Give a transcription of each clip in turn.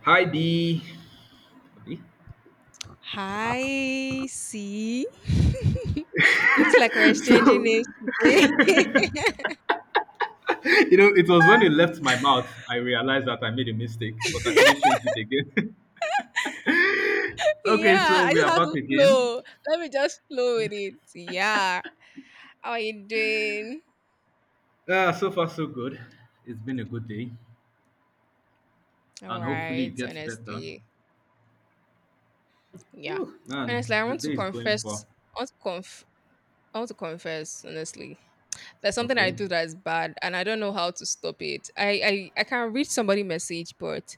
Hi B. B? Hi, see? Looks like we're exchanging So, names today. It was when it left my mouth, I realized that I made a mistake, but I couldn't change it again. Okay, Yeah, so I we just are have back to again. flow. Let me just flow with it. Yeah. How are you doing? So far, so good. It's been a good day, All and hopefully, it right, gets better. honestly. Yeah. Man, Honestly, I the want to day is going confess. far. I want to conf- I want to confess, honestly. There's something I Okay, do that is bad and I don't know how to stop it. I can read somebody message, but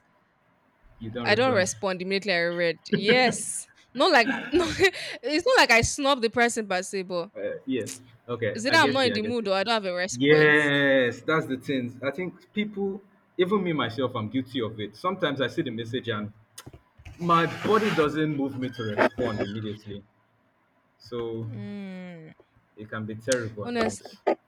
you don't I don't reply. respond immediately. I read yes. Not like no, it's not like I snub the person per se, but Yeah, okay, is it I that I'm get not in you, I the get mood you. or I don't have a response? Yes, that's the thing. I think people, even me myself, I'm guilty of it. Sometimes I see the message and my body doesn't move me to respond immediately, so Mm. it can be terrible at Honest, times.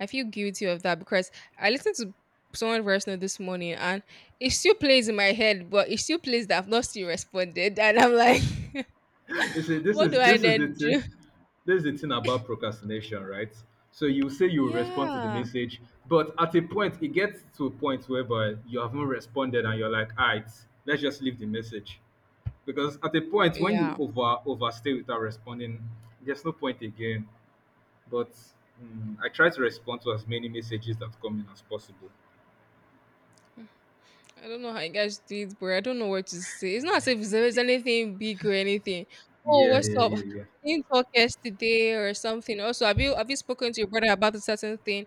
I feel guilty of that because I listened to someone personal this morning and it still plays in my head, but it still plays that I've not still responded, and I'm like, You see, this what do is I this is the then do? thing. This is the thing about procrastination, right? So you say you respond to the Yeah, message, but at a point it gets to a point whereby you haven't responded and you're like, alright, let's just leave the message. Because at a point when you yeah. overstay without responding, there's no point again. But I try to respond to as many messages that come in as possible. I don't know how you guys do it, but I don't know what to say. It's not as if it's there's anything big or anything. Oh, Yeah, what's yeah, up? yeah, yeah. We didn't talk yesterday or something. Also, have you spoken to your brother about a certain thing?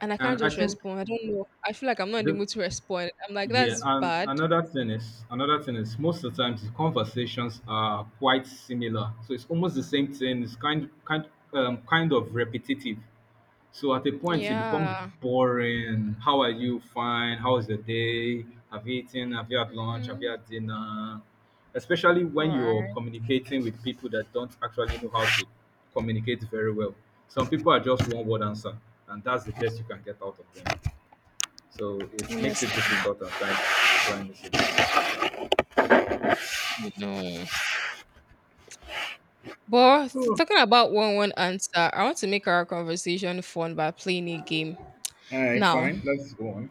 And I can't And I just think respond. I don't know. I feel like I'm not in the the mood to respond. I'm like, yeah, that's and bad. another thing is most of the times the conversations are quite similar. So it's almost the same thing. It's kind of repetitive. So at a point it become Yeah. boring. How are you? Fine. How was the day? Have you eaten? Have you had lunch? Have you Mm, had dinner? Especially all when you're right. communicating with people that don't actually know how to communicate very well. Some people are just one word answer, and that's the best you can get out of them. So it makes it Honestly. difficult at times to try and listen. No. But talking about one answer, I want to make our conversation fun by playing a game. Now, Fine, let's go on.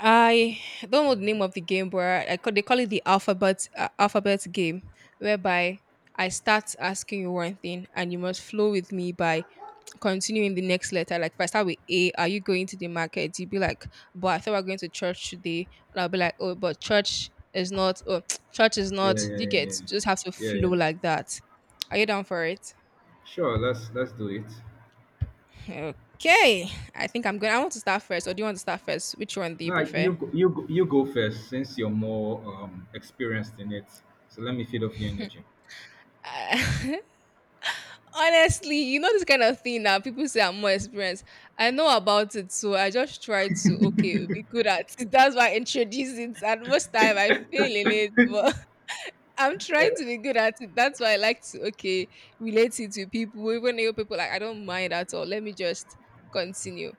I don't know the name of the game, but they call it the alphabet game, whereby I start asking you one thing and you must flow with me by continuing the next letter. Like if I start with A, are you going to the market? You'd be like, but I thought we are going to church today. And I'll be like, oh, but church is not. Oh, church is Yeah, not. yeah, You yeah, get yeah, just have to yeah, flow yeah. like that. Are you down for it? Sure, let's do it. Okay, I think I'm going. I want to start first, or do you want to start first? Which one do you No, you prefer? go- you go- you go first since you're more experienced in it. So let me feed off your energy. Honestly, you know this kind of thing that people say I'm more experienced. I know about it, so I just try to okay be good at it. That's why I introduce it, and most time I fail in it, but I'm trying to be good at it. That's why I like to okay relate it to people. Even new people, like I don't mind at all. Let me just continue.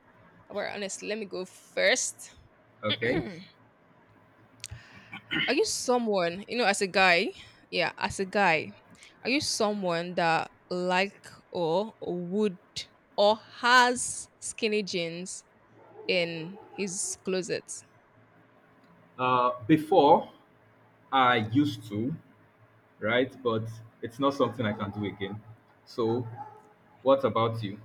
Well, honestly, let me go first. Okay. Are you someone, you know, as a guy, yeah, as a guy, are you someone that like or would or has skinny jeans in his closet? Before I used to, right? But it's not something I can do again. So, what about you?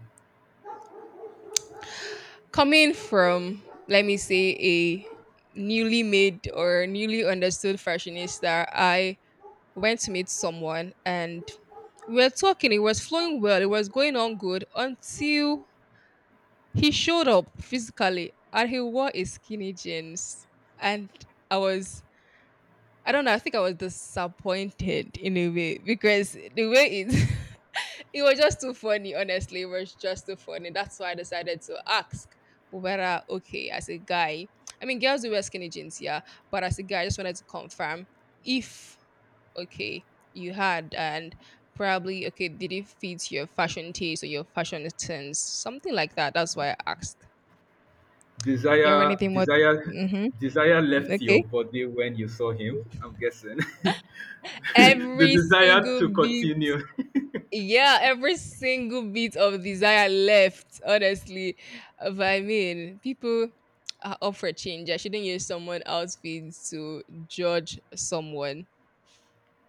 Coming from, let me say, a newly made or newly understood fashionista, I went to meet someone and we were talking, it was flowing well, it was going on good until he showed up physically and he wore a skinny jeans. And I was, I don't know, I think I was disappointed in a way because the way it, it was just too funny, honestly. It was just too funny. That's why I decided to ask whether, okay, as a guy, I mean, girls do wear skinny jeans, yeah, but as a guy, I just wanted to confirm if, okay, you had and probably okay did it fit your fashion taste or your fashion sense, something like that. That's why I asked. You have Desire, anything more? desire, Mm-hmm. desire left your Okay. body when you saw him. I'm guessing the Every desire single to bit, continue. yeah, every single bit of desire left, honestly. But I mean, people are up for change. I shouldn't use someone else's feelings to judge someone.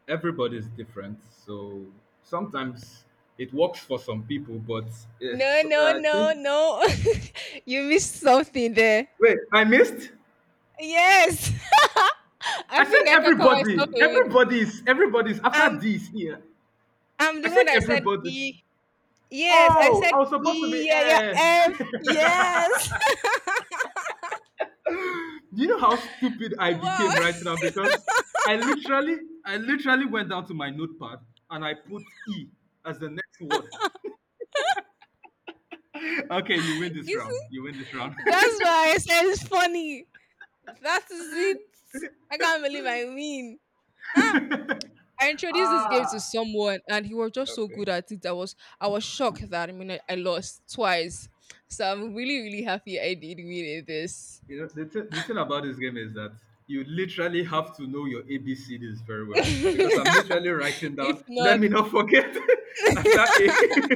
Everybody's different, so sometimes it works for some people, but No, no, I no, think. no. You missed something there. Wait, I missed. Yes. I I said think I can call myself everybody. a win. Everybody's. Everybody's after I'm this here. I'm the I said one that said everybody. E. Yes, I Oh, I said was supposed to be. E. Yeah, yeah, F. Yes. Do you know how stupid I Wow. became right now? Because I literally, I literally went down to my notepad and I put E as the next word. Okay, you win this You round. You win this round. see? That's why I said it's funny. That is it. I can't believe I win. Huh? I introduced this game to Ah, someone and he was just so okay. good at it. I was shocked that I mean I lost twice. So I'm really, really happy I did win in this. You know, the thing about this game is that you literally have to know your ABCDs very well. Because I'm literally writing if down, let not me not forget after A.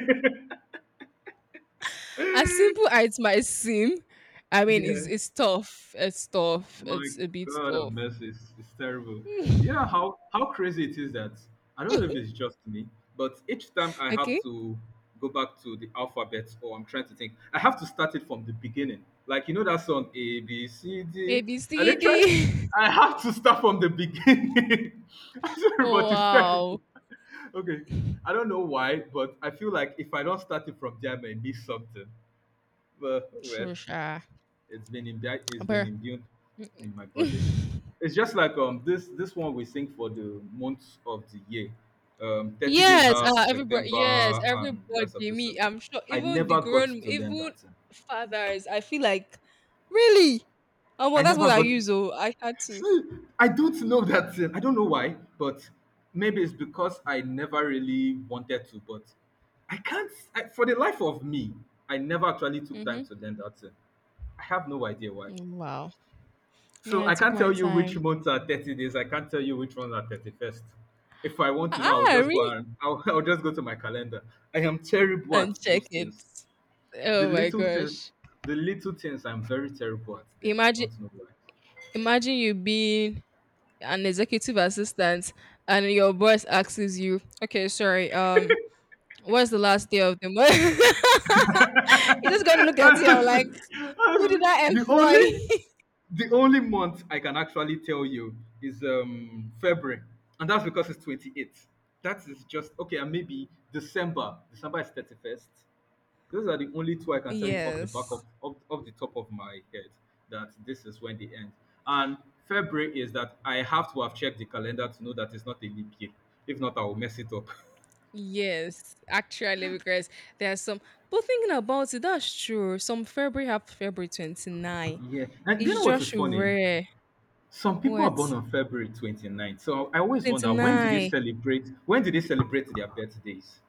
As simple as it might seem, I mean it's Yeah. it's tough. It's tough. My It's a bit God of tough. mercy, it's terrible. Yeah, how crazy it is that I don't know if it's just me, but each time I Okay. have to go back to the alphabet or I'm trying to think, I have to start it from the beginning. Like you know that song A B C A D. B I C literally D I have to start from the beginning. I'm sorry, Oh, but it's wow. terrible. Okay, I don't know why, but I feel like if I don't start it from there, I may miss something. But well. Trisha. It's been But imbued in my body. It's just like this one we sing for the months of the year. 30 days yes, half uh, everybody. September Yes, and everybody. the rest of this Me, thing. I'm sure. I Even the never got grown, to learn even that thing. fathers. I feel like really. Oh well, I that's what never I got. use. Oh, I had to. See, I don't know that thing. I don't know why, but maybe it's because I never really wanted to. But I can't. For the life of me, I never actually took Mm-hmm. time to learn that thing. I have no idea why. Wow. So Man, I I took can't my tell you time. which months are 30 days. I can't tell you which ones are 31st. If I want to know, I'll Ah, just go re and I'll just go to my calendar. I am terrible at and check those it. things. The Oh my little things, gosh. the little things, I'm very terrible at them. I Imagine don't know why. imagine you being an executive assistant and your boss asks you, okay, sorry, what's the last day of the month? You're just going to look at it and Honestly, like, who did honestly, I the employ? only the only month I can actually tell you is February, and that's because it's 28th. That is just okay, and maybe December. December is 31st. Those are the only two I can tell you off the back Yes. of off, off the top of my head that this is when they end. And February is that I have to have checked the calendar to know that it's not a leap year. If not, I will mess it up. Yes, actually, because there are some. But thinking about it, that's true. Some February have February 29. Yeah. And do you It's know what is just funny? rare. Some people are What? born on February twenty ninth. So I always wonder when do they 29. celebrate when do they celebrate their birthdays?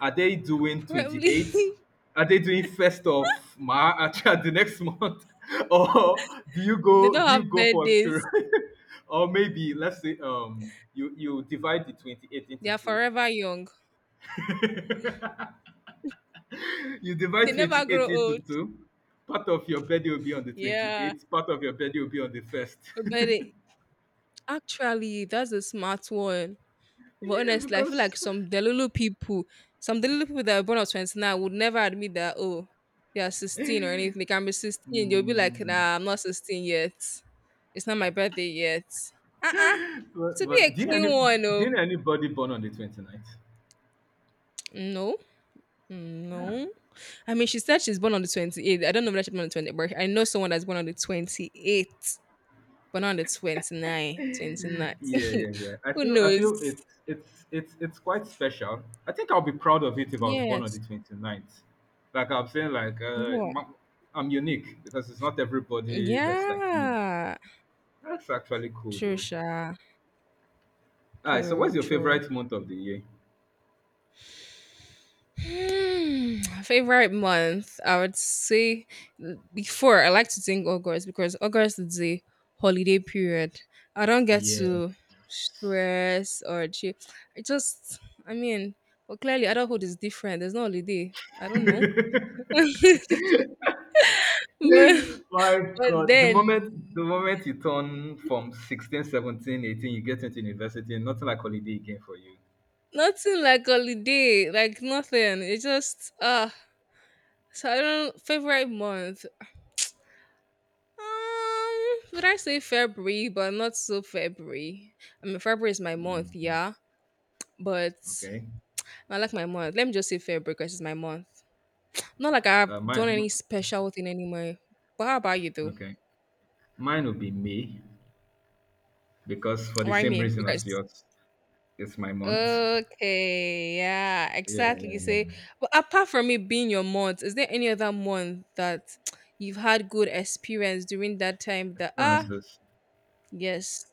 Are they doing Probably 28th? Are they doing first of March the next month? Or do you they go don't do have you go for a period? birthdays. Or maybe let's say you divide the 28 They into are two. forever young. You They divide never grow 28 into old. two. Part of your birthday will be on the Yeah. 28th, part of your birthday will be on the 1st. But it, Actually, that's a smart one. But Yeah, honestly, I feel because like some Delulu people that are born of 29 would never admit that, oh, they are 16 or anything. They can be 16. They'll be like, hmm. nah, I'm not 16 yet. It's not my birthday yet. Uh-uh. But, To be but a do you know any clean one, do oh. you know anybody born on the 29th? No. No. I mean, she said she's born on the 28th. I don't know whether she's born on the 28th, but I know someone that's born on the 28th, but not on the 29th. Yeah, 29th. yeah, yeah. I Who feel I knows? feel it's quite special. I think I'll be proud of it if I was born on the Yes. 29th. Like I'm saying, like What? I'm unique because it's not everybody that's like me. Yeah. That's actually cool True, though. sha. Alright, so True, what's your true. favorite month of the year? Hmm, favorite month, I would say before I like to think August because August is the holiday period. I don't get Yeah. to stress or chill. I just, I mean, well, clearly adulthood is different. There's no holiday. I don't know, but My but God, the then moment the moment you turn from 16, 17, 18, you get into university, nothing like holiday again for you. nothing like holiday, like nothing. It's just ah. So I don't favorite month. Um, would I say February, but not so February. I mean, February is my month, yeah, but Okay. I like my month. Let me just say February because it's my month. Not like I've Uh, mine, done any mi- special thing anyway. But how about you though? okay. Mine will be May. Because for the Why same me? reason as Because yours, it's my month. okay, yeah, Yeah, exactly. You say, but apart from it being your month, is there any other month that you've had good experience during that time? That Francis. yes,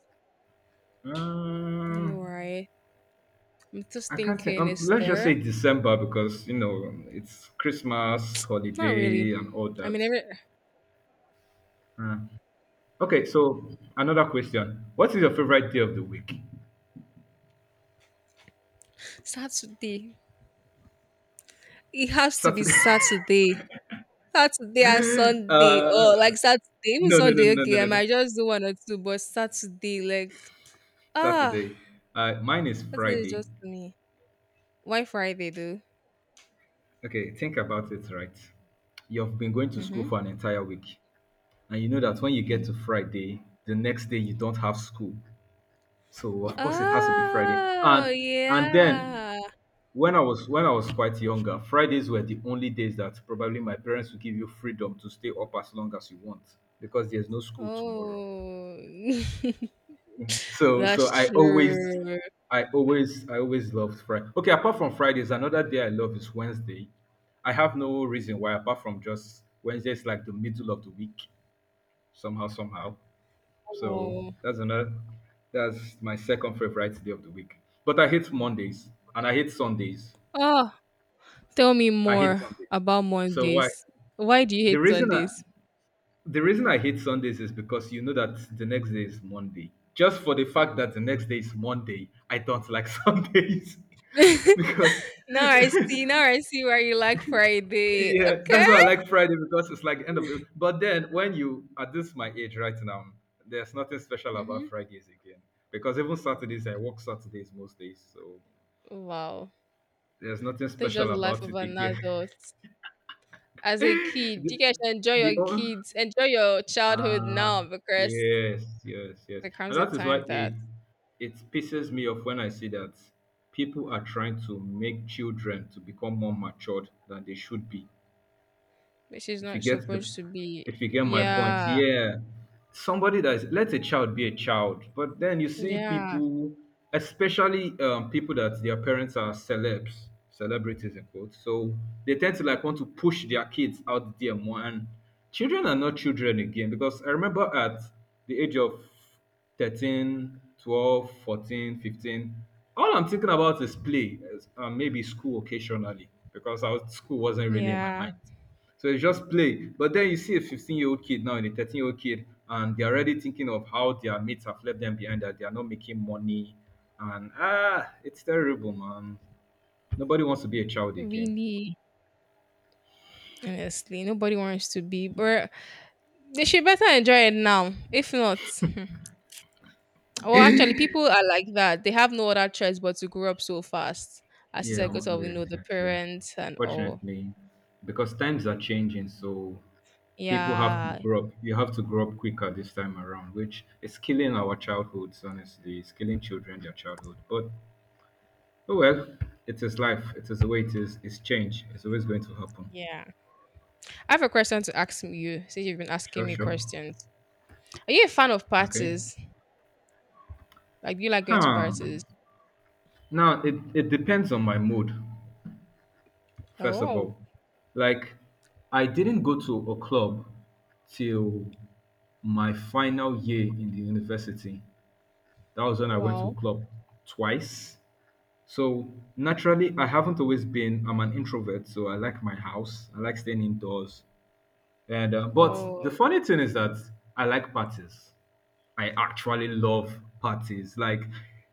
I know, Um, right? I'm just I can't say. thinking, is Let's just say there? December because you know it's Christmas Not holiday really. and all I mean, that. every Uh, okay, so another question: what is your favorite day of the week? Saturday. It has to be Saturday. Saturday. Saturday and Sunday. Oh, uh, like Saturday. Even no, no, no, Sunday, no, no, okay. I no, no. might just do one or two, but Saturday, like, ah, Saturday. Mine is Saturday is Friday. just to me. Why Friday, though? Okay, think about it. Right, you've been going to school Mm-hmm. for an entire week. And you know that when you Mm. get to Friday, the next day you don't have school. So of course it has to be Friday. Oh, And then yeah. when I was quite younger, Fridays were the only days that probably my parents would give you freedom to stay up as long as you want because there's no school tomorrow. Oh, So that's I always true. I always I always loved Friday. Okay, apart from Fridays, another day I love is Wednesday. I have no reason why apart from just Wednesday is like the middle of the week somehow. So Oh. that's another. That's my second favorite day of the week. But I hate Mondays and I hate Sundays. Oh, tell me I hate more Sundays. about So why? Mondays. Why do you The hate reason I Sundays? the reason I hate Sundays is because you know that the next day is Monday. Just for the fact that the next day is Monday, I don't like Sundays because Now I see. Now I see why you like Friday. yeah, that's Okay. why I like Friday because it's like end of it. But then when you at this my age right now, there's nothing special Hmm. about Fridays again because even Saturdays I work Saturdays most days, so Wow. there's nothing That's special just the life about of it an again. adult. As a kid, the you guys should enjoy the your o- kids. Enjoy your childhood uh, now because yes, yes, yes, there comes and a that is why time that it pisses me off when I see that people are trying to make children to become more matured than they should be. she's If you not get the, supposed to be. if you get my point, Yeah. yeah. Somebody that is Let a child be a child, but then you see Yeah. people, especially people that their parents are celebrities in quotes. So they tend to like want to push their kids out there more, and children are not children again because I remember at the age of 13 12, 14, 15. All I'm thinking about is play, and maybe school occasionally school wasn't really in my Yeah. mind. So it's just play. But then you see a 15-year-old kid now and a 13-year-old kid, and they're already thinking of how their mates have left them behind, that they are not making money. And ah, it's terrible, man. Nobody wants to be a child again. Really. Honestly, nobody wants to be, but they should better enjoy it now. If not, hmm. Well, actually, people are like that. They have no other choice but to grow up so fast. As you Yeah, said, because of, you yes, know, the yeah, yeah. parents and all. Fortunately, because times are changing, so people have to Yeah. grow up. You have to grow up quicker this time around, which is killing our childhoods. Honestly, it's killing children their childhood. But oh well, it is life. It is the way it is. It's change. It's always going to happen. Yeah. I have a question to ask you since you've been asking Sure, me sure. questions. Are you a fan of Okay. parties? Like, do you like going to Huh. parties? Now it depends on my mood, first of Oh, all. Like, I didn't go to a club till my final year in the university. That was when I went to a wow. club twice. So naturally, I haven't always been. I'm an introvert, so I like my house. I like staying indoors. And Oh, but the funny thing is that I like parties. I actually love parties. Like,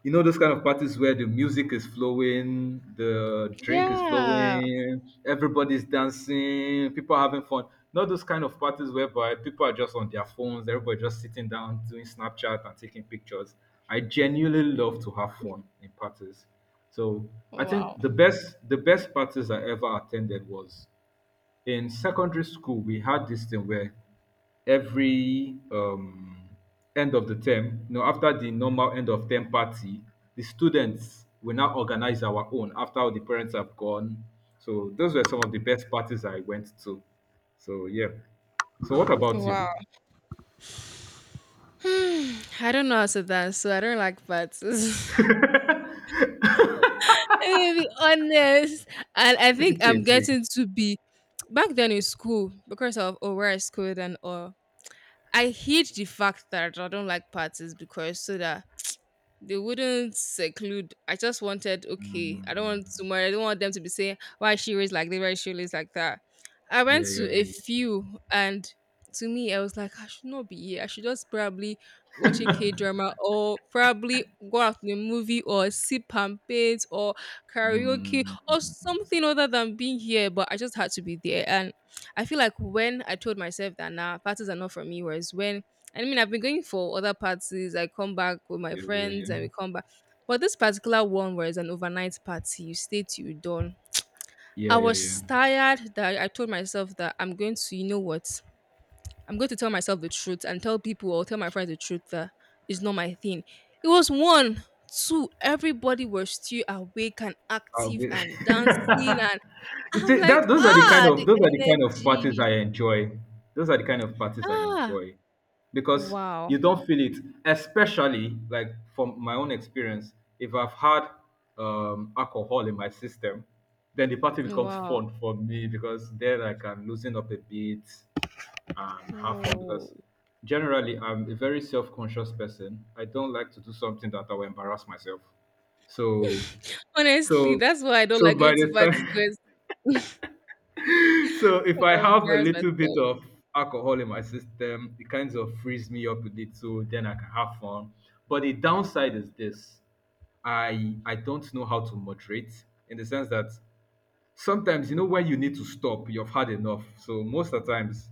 those kind of parties where the music is flowing, the drink is yeah. flowing, everybody's dancing, people are having fun. Not those kind of parties whereby people are just on their phones, everybody just sitting down doing Snapchat and taking pictures. I genuinely love to have fun in parties. So I Wow. think the best parties I ever attended was in secondary school. We had this thing where every end of the term, after the normal end of term party, the students will now organize our own after all the parents have gone. So those were some of the best parties I went to. So yeah. So what about you? Wow. Hmm, I don't know how to dance, so I don't like parties. Let me be honest. And I think It's I'm it's a- getting to be back then in school because of where I schooled and all. I hate the fact that I don't like parties because so that they wouldn't seclude. I just wanted, okay, I don't Mm, want to marry. I don't want them to be saying, why is she raised like this, why is she raised like that. I yeah, went to yeah, a yeah. few, and to me, I was like, I should not be here. I should just probably be watching K drama or probably go out to a movie or sip champagne or yeah. karaoke Mm, or something other than being here. But I just had to be there. And I feel like when I told myself that, nah, parties are not for me, whereas when I mean, I've been going for other parties. I come back with my yeah, yeah, friends yeah. and we come back. But this particular one was an overnight party. You stay till you dawn. I Yeah, yeah, yeah. was tired that I told myself that I'm going to, you know what? I'm going to tell myself the truth and tell people or tell my friends the truth that it's not my thing. It was one, two, everybody was still awake and active and dancing. Obvi- And You I'm see, like, that those are the kind ah, of the those are the kind of parties energy. I enjoy. Those are the kind of parties I Ah, enjoy because wow. you don't feel it, especially like from my own experience. If I've had alcohol in my system, then the party becomes Wow. fun for me because then I can loosen up a bit and have fun Oh. because generally I'm a very self-conscious person. I don't like to do something that I will embarrass myself. So Honestly, so, that's why I don't so like by going to the parties time, because so if I I have a embarrass little bit myself. of alcohol in my system, it kind of frees me up a little. Then I can have fun. But the downside is this: I don't know how to moderate in the sense that sometimes you know when you need to stop, you've had enough. So most of the times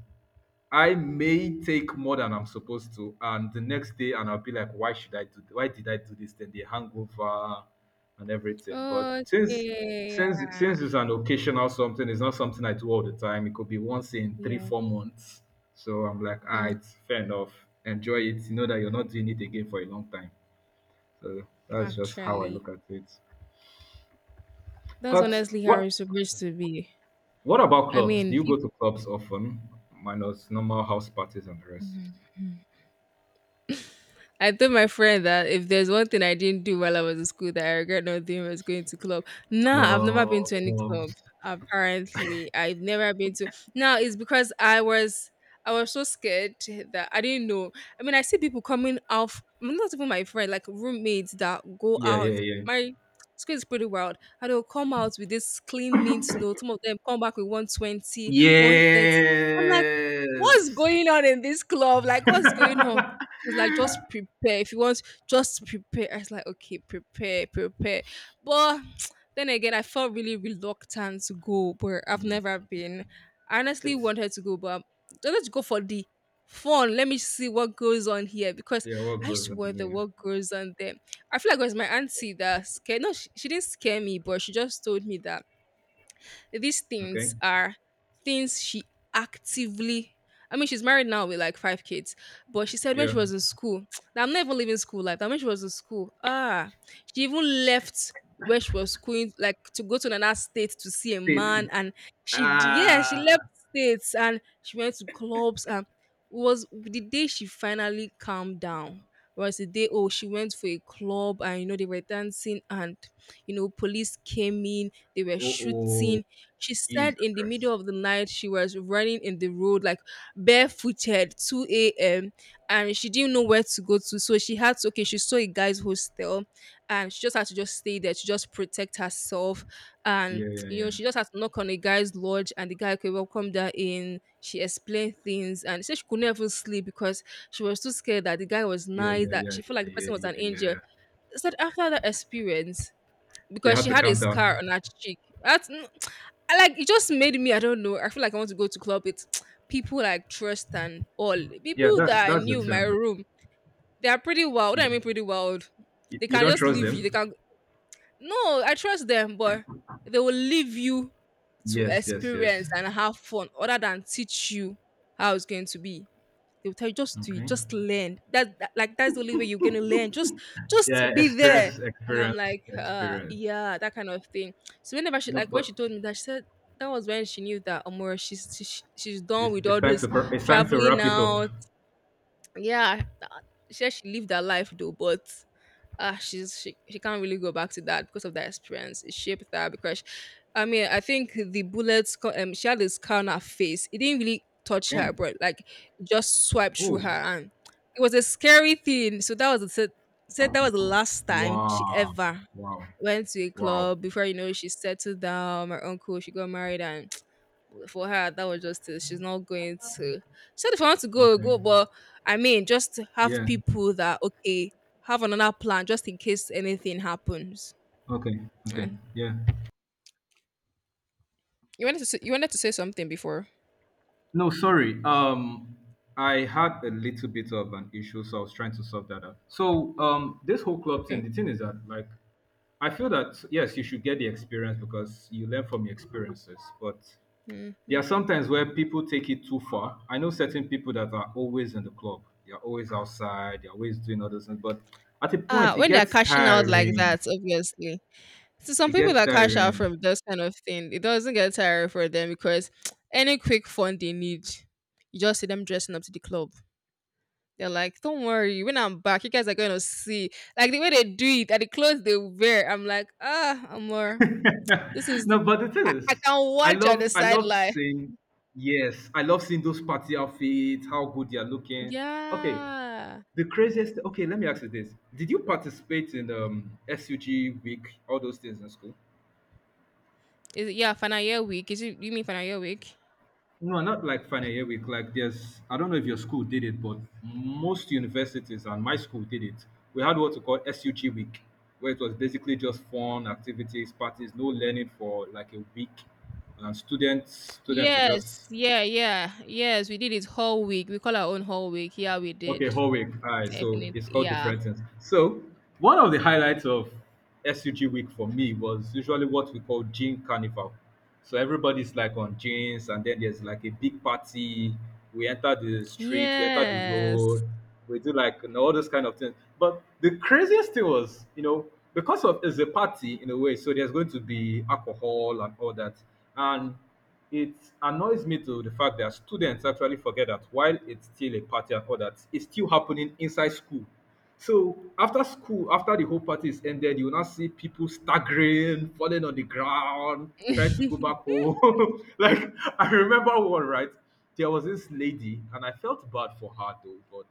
I may take more than I'm supposed to, and the next day, and I'll be like, "Why should I do? Why did I do this?" Then the hangover and everything. But since Okay, since yeah, since it's an occasional something, it's not something I do all the time. It could be once in three yeah. four months. So I'm like, "Ah, Hmm. it's fair enough. Enjoy it. You know that you're not doing it again for a long time." So that's just how I Actually, look at it. that's But honestly how what it's supposed to be. what about I clubs? Do mean, you go people. to clubs often, minus normal house parties and the rest? I told my friend that if there's one thing I didn't do while I was in school that I regret not doing was going to club. Nah, I've never been to any club. Clubs. Apparently, I've never been to. Now it's because I was so scared that I didn't know. I mean, I see people coming off. Not even my friend, like roommates that go Yeah, out. yeah, yeah. My school is pretty wild. And they'll come out with this clean mint note. Some of them come back with 120, 130. Yes, I'm like, what's going on in this club? Like, what's going on? She was like, just prepare. If you want, just prepare. I was like, okay, prepare, prepare. But then again, I felt really reluctant to go where I've never been. I honestly it's wanted to go, but I wanted to go for the fun. Let me see what goes on here because yeah, what I used goes to on? wonder Yeah. what goes on there. I feel like it was my auntie that scared. No, she didn't scare me, but she just told me that these Okay. things are things she actively I mean, she's married now with like five kids, but she said when she Yeah. was in school, that I'm not even living school life. That when she was in school, she even left where she was going, like to go to another state to see a It's man, and she, yeah, she uh, left states and she went to clubs, and was the day she finally calmed down, was the day, oh, she went for a club, and they were dancing, and police came in, they were oh, oh, shooting. She said Jesus in the middle Christ. of the night she was running in the road like barefooted 2 a.m. and she didn't know where to go to. So she had to okay, she saw a guy's hostel and she just had to just stay there to just protect herself. And Yeah, yeah, yeah. she just had to knock on a guy's lodge and the guy could welcome her in. She explained things and said she could never sleep because she was too scared that the guy was Yeah, nice, yeah, that yeah, she felt like yeah, the yeah, person was yeah, an yeah. angel. yeah. Said after that experience, You because have she to had a calm down. scar on her cheek. That's I like it just made me, I don't know. I feel like I want to go to club with people I trust and all. Yeah, People that's that I that's the knew in my thing though. room, they are pretty wild. You I don't mean pretty wild. you, They you can don't just trust leave you. They them? can no, I trust them, but they will leave you to Yes, yes, yes. experience and have fun other than teach you how it's going to be. They'll tell you just to Okay. just learn. That like that's the only way you're gonna learn. Just Yeah, be there. experience, And I'm experience, like, experience. yeah, that kind of thing. So whenever she No, like when she but told me that, she said that was when she knew that Amora she's done it's with it's all time this to it's time to traveling wrap it up. now, yeah, she said she lived her life though, but she can't really go back to that because of that experience. It shaped her because, I mean, I think the bullets. She had this scar on her face. It didn't really touch her, Damn. but like it just swiped through Oh, her, and it was a scary thing. So that was the said that was the last time she wow. ever Wow. went to a Wow. club. Before you know it, she settled down. My uncle, she got married, and for her that was just it. She's not going to she Said if I want to go, Okay. go, but I mean just have Yeah. people that okay have another plan just in case anything happens. Okay. Okay. And Yeah. you wanted to say something before. No, sorry. I had a little bit of an issue, so I was trying to sort that out. So this whole club thing, Okay. the thing is that like I feel that yes, you should get the experience because you learn from your experiences, but there are Hmm. sometimes where people take it too far. I know certain people that are always in the club, they're always outside, they're always doing other things, but at a Ah, point it when they're gets cashing out like tiring. that, obviously. So some It people gets that cash out tiring. from this kind of thing, it doesn't get tiring for them because any quick fund they need, you just see them dressing up to the club. They're like, don't worry, when I'm back, you guys are going to see. Like the way they do it and the clothes they wear, I'm like, ah, Amor, this is, No, but the thing I, is, I can I watch on the love I love sideline. seeing, yes, I love seeing those party outfits, how good they are looking. Okay, Yeah. the craziest, let me ask you this. Did you participate in SUG week, all those things in school? Is it, yeah, final year week. Is it, you mean final year week? No, not like final year week. Like there's, I don't know if your school did it, but most universities and my school did it. We had what we call SUG week, where it was basically just fun, activities, parties, no learning for like a week. And students were Yes. just… Yeah, yeah. Yes, we did it whole week. We call our own whole week. Yeah, we Okay, did. whole week. All right, so Definitely. it's called Yeah. different things. So one of the highlights of SUG week for me was usually what we call jean carnival. So everybody's like on jeans, and then there's like a big party. We enter the street, we enter the Yes. road, we do like all those kind of things. But the craziest thing was, you know, because of it's a party in a way, so there's going to be alcohol and all that. And it annoys me to the fact that students actually forget that while it's still a party and all that, it's still happening inside school. So after school, after the whole party is ended, you will now see people staggering, falling on the ground, trying to go back home. Like I remember one, right? There was this lady, and I felt bad for her though. But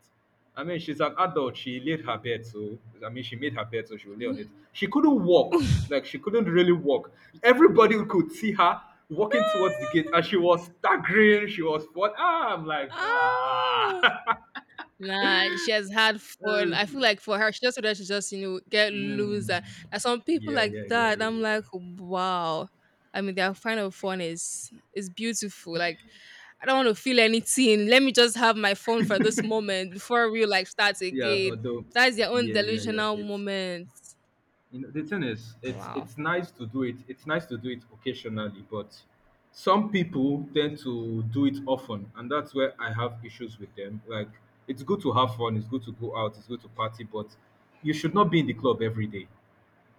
I mean, she's an adult. She laid her bed, so I mean, she made her bed, so she would lay on it. She couldn't walk. Like she couldn't really walk. Everybody could see her walking towards the gate, and she was staggering. She was what? Ah, I'm like, ah, ah. Nah, she has had fun. I feel like for her, she just wanted to just, get Mm. loser. And some people Yeah, yeah, like yeah, that, yeah, I'm like, yeah. wow. I mean, their kind of fun is beautiful. Like, I don't want to feel anything. Let me just have my phone for this moment before real life starts Yeah, again. although, That's their own yeah, yeah, yeah. delusional It's, moment. you know, the thing is it's Wow. it's nice to do it it's nice to do it occasionally, but some people tend to do it often, and that's where I have issues with them. Like it's good to have fun, it's good to go out, it's good to party, but you should not be in the club every day,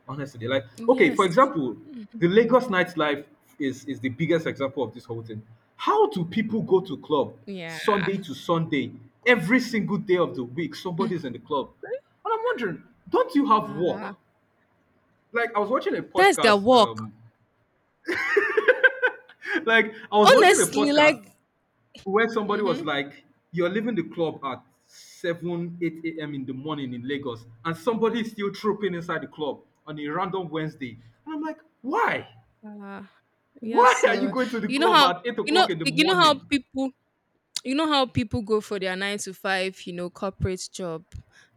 honestly. Like, okay, for Yes. example, Mm, the Lagos nightlife is the biggest example of this whole thing. How do people go to club yeah. Sunday to Sunday? Every single day of the week somebody's in the club, and I'm wondering, don't you have Ah, work? Like I was watching a that's their podcast. work. Like I was watching a Honestly, podcast like. where somebody Mm-hmm. was like, "You're leaving the club at seven, eight a.m. in the morning in Lagos, and somebody's still trooping inside the club on a random Wednesday." And I'm like, "Why? Ah. Yeah, Why are you so going to the you know club how at eight you know o'clock in the you know how morning?" people you know how people go for their nine to five, corporate job.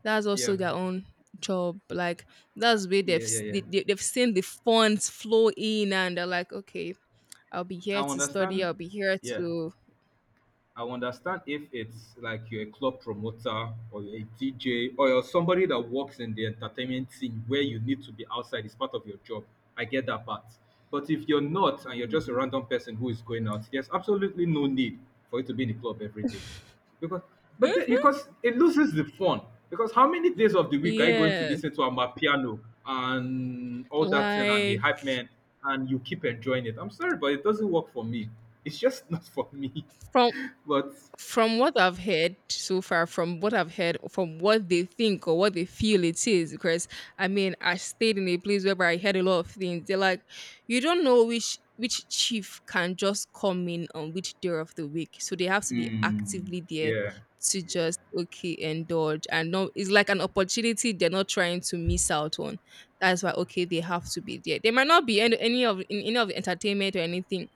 That's Yeah, also their own job. Like that's where yeah, yeah, yeah. They've seen the funds flow in, and they're like, okay, I'll be here I to study. understand. I'll be here Yeah. to. I understand if it's like you're a club promoter or you're a DJ or you're somebody that works in the entertainment scene where you need to be outside, it's part of your job. I get that part. But if you're not and you're just a Mhm. random person who is going out, there's absolutely no need for you to be in the club every day. Because, but then, because it loses the fun. Because how many days of the week are you going to Yes, listen to Amapiano and all that thing and the like hype man and you keep enjoying it? I'm sorry, but it doesn't work for me. It's just not for me. from But From what I've heard so far, from what I've heard, from what they think or what they feel it is, because I mean, I stayed in a place where I heard a lot of things. They're like, you don't know which chief can just come in on which day of the week, so they have to be mm, actively there yeah, to yeah, just okay indulge and no, it's like an opportunity they're not trying to miss out on. That's why okay, they have to be there. They might not be any of the entertainment or anything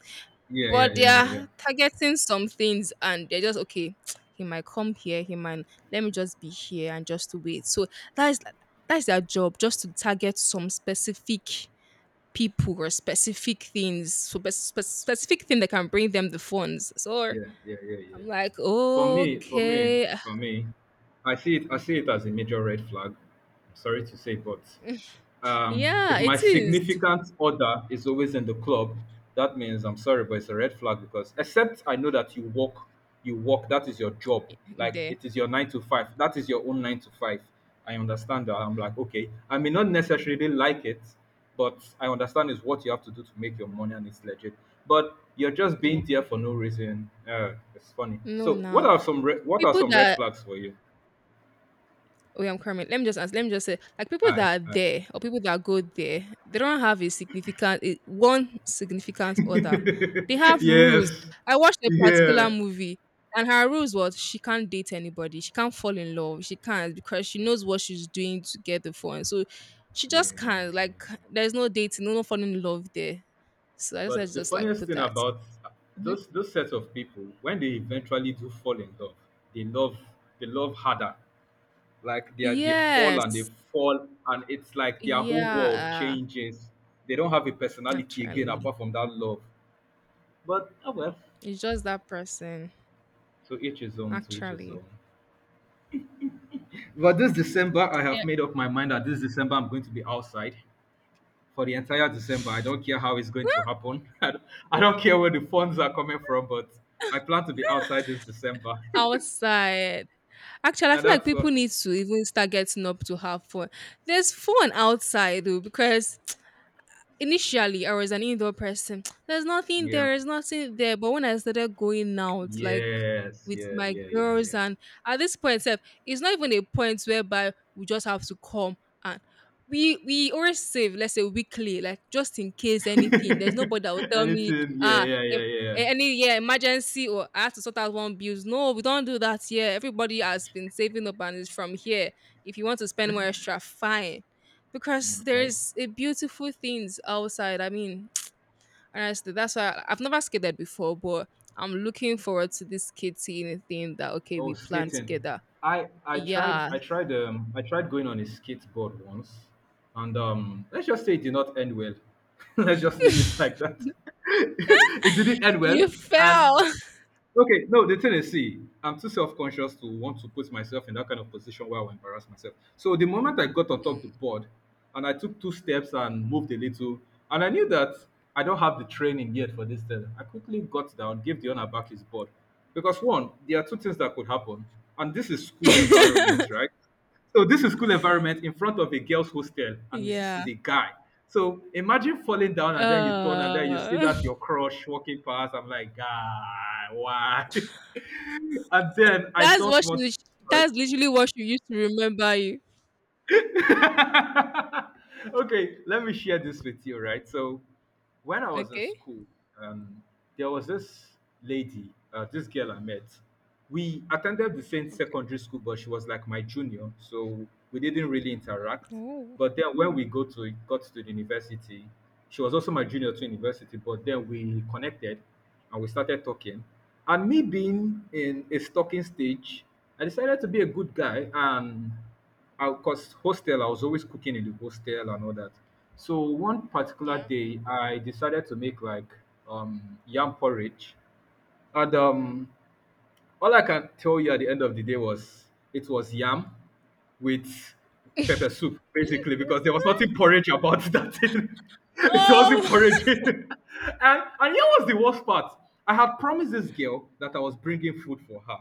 yeah, yeah, but they yeah, yeah, yeah, are targeting some things and they're just okay he might come here, he might let me just be here and just to wait, so that is that is their job, just to target some specific people or specific things, so specific thing that can bring them the funds, so yeah, yeah, yeah, yeah. I'm like, For me, for me, okay. for me, I see it. I see it as a major red flag. I'm sorry to say, but if Yeah, my it is significant other is always in the club, that means I'm sorry, but it's a red flag because except I know that you work, you work. That is your job. Like there, it is your nine to five. That is your own nine to five. I understand that. I'm like, okay, I may not necessarily like it, but I understand it's what you have to do to make your money and it's legit. But you're just being yeah, there for no reason. It's funny. no, So, now what are people some red that flags for you? Oh, yeah, I'm coming. Let me just ask. Let me just say, like people Aye, that are aye. there or people that go there, they don't have one significant other. They have rules. Yes. I watched a particular Yeah. movie, and her rules was she can't date anybody. She can't fall in love. She can't because she knows what she's doing to get the phone. So she Yeah, yeah, just yeah, yeah. can't. Like yeah. there's no dating, no falling in love there. So I just I But the just like funniest put thing that. about uh, Mhm. Those sets of people, when they eventually do fall in love, they love they love harder. Like they are, they Yes. fall, and it's like their whole world Yeah. changes. They don't have a personality again Actually, apart from that love. But oh well, it's just that person. to each his own. To each his Actually. own. But this December, I have made up my mind that this December I'm going to be outside for the entire December. I don't care how it's going to happen. I don't care where the funds are coming from, but I plan to be outside this December. Outside. Actually, I and feel like that's people need to even start getting up to have fun. There's fun outside though, because initially I was an indoor person. There's nothing there, yeah. there's nothing there. But when I started going out, like Yes, with yeah, my yeah, yeah, girls, yeah. and at this point, sef, it's not even a point whereby we just have to come and we always save, let's say weekly, like just in case anything. There's nobody that will tell me, Anything, yeah, ah, yeah, yeah, em- yeah. yeah. Any emergency, or I have to sort out one bills. No, we don't do that here. Everybody has been saving up and is from here. If you want to spend more extra, fine, because Okay. there's a beautiful things outside. I mean, honestly, that's why I, have never skated before, but I'm looking forward to this kid seeing a thing that okay, Oh, we plan skating. together. I I tried Yeah, I tried um I tried going on a skateboard once, and let's just say it did not end well. Let's just leave it like that. It didn't end well, you and fell. okay, no, the thing is, see, I'm too self conscious to want to put myself in that kind of position where I will embarrass myself. So the moment I got on top of the board and I took two steps and moved a little, and I knew that I don't have the training yet for this thing, I quickly got down, gave the owner back his board. Because one, there are two things that could happen, and this is school environment, right? So this is school environment in front of a girls' hostel, and this yeah, is a guy. So imagine falling down and then you turn and then you see uh, that your crush walking past. I'm like, God, why? And then I that's what don't want to she, destroy. that's literally what she used to remember you. Okay, let me share this with you, right? So, when I was in Okay. school, um, there was this lady, this girl I met. We attended the same secondary school, but she was like my junior, so we didn't really interact. Oh, But then when we go to got to the university, she was also my junior to university. But then we connected, and we started talking. And me being in a stalking stage, I decided to be a good guy and because hostel, I was always cooking in the hostel and all that. So one particular yeah. day, I decided to make like yam porridge, and all I can tell you at the end of the day was it was yam with pepper soup, basically, because there was nothing porridge about that thing. It wasn't Oh, porridge. And here was the worst part. I had promised this girl that I was bringing food for her,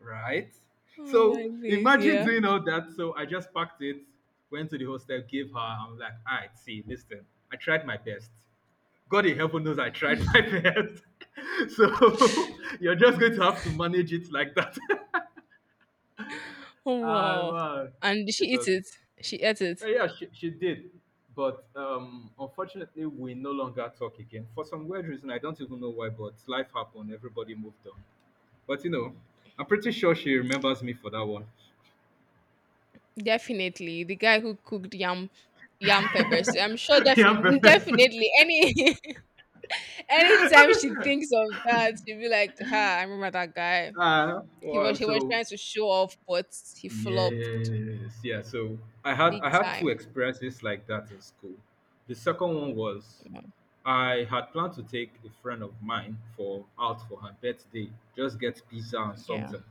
right? oh my So days, imagine yeah. doing all that. So I just packed it, went to the hostel, gave her. I'm like, all right, see, listen, I tried my best. God in heaven knows I tried my best. So you're just going to have to manage it like that. Oh Ah wow. well, And did she it eat was. it? She ate it. Yeah, she did, but unfortunately, we no longer talk again for some weird reason. I don't even know why, but life happened. Everybody moved on. But you know, I'm pretty sure she remembers me for that one. Definitely, the guy who cooked yam yam peppers. I'm sure Yeah, definitely perfect. definitely any anytime she thinks of that, she'll be like, "Ha, I remember that guy. Ah, He well, was he was so trying to show off, but he flopped yes, yeah. So I had big I had two time." experiences like that in school. The second one was Mm, I had planned to take a friend of mine for out for her birthday, just get pizza and yeah, something.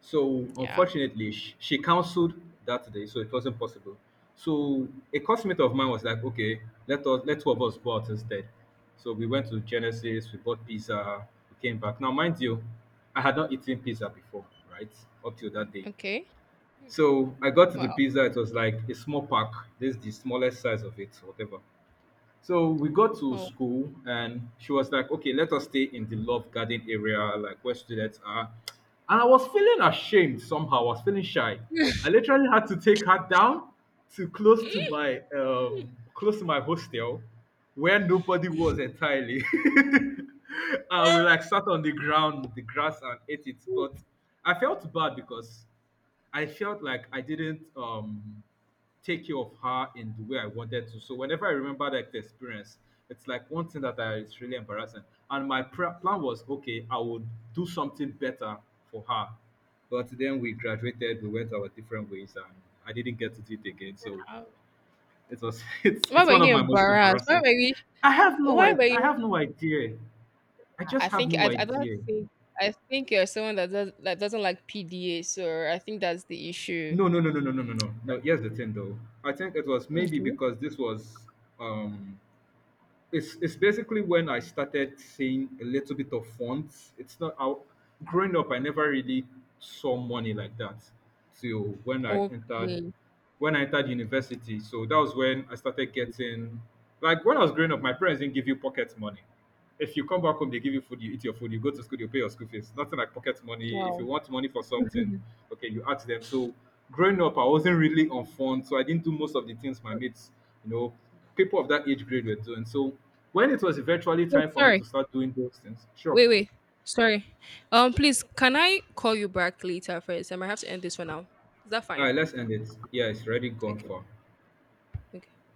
So yeah. unfortunately, she cancelled that day, so it wasn't possible. So a classmate of mine was like, "Okay, let two of us go out instead." So we went to Genesis, we bought pizza, we came back. Now, mind you, I had not eaten pizza before, right? Up till that day. Okay. So I got to the Well, pizza. It was like a small pack. This is the smallest size of it, whatever. So we got to oh. school, and she was like, "Okay, let us stay in the love garden area, like where students are." And I was feeling ashamed somehow. I was feeling shy. I literally had to take her down to close to my hostel, where nobody was entirely. And we like sat on the ground, the grass, and ate it. But I felt bad because I felt like I didn't take care of her in the way I wanted to. So whenever I remember like the experience, it's like one thing that is really embarrassing. And my plan was okay, I would do something better for her. But then we graduated, we went our different ways, and I didn't get to do it again. So Wow. it was it's Why it's were one of you my most embarrassed? Why embarrassing. were you? Why were I you? have no idea. I I just have think no I don't idea. think I think you're someone that doesn't like PDA, so I think that's the issue. No, no, no, no, no, no, no, no. No, here's the thing though. I think it was maybe Okay. because this was um it's basically when I started seeing a little bit of fonts. It's not how growing up I never really saw money like that till Okay. when I entered university. So that was when I started getting like when I was growing up, my parents didn't give you pocket money. If you come back home, they give you food, you eat your food, you go to school, you pay your school fees. Nothing like pocket money. If you Wow. want money for something, okay, you ask them. So growing up, I wasn't really on fun, so I didn't do most of the things my mates, you know, people of that age grade were doing. So when it was eventually Wait, time for me sorry. to start doing those things, sure. Wait, wait. Sorry. Please, can I call you back later first? I might have to end this for now. Is that All fine? right, let's end it. Yeah, it's already gone Okay. far. Okay.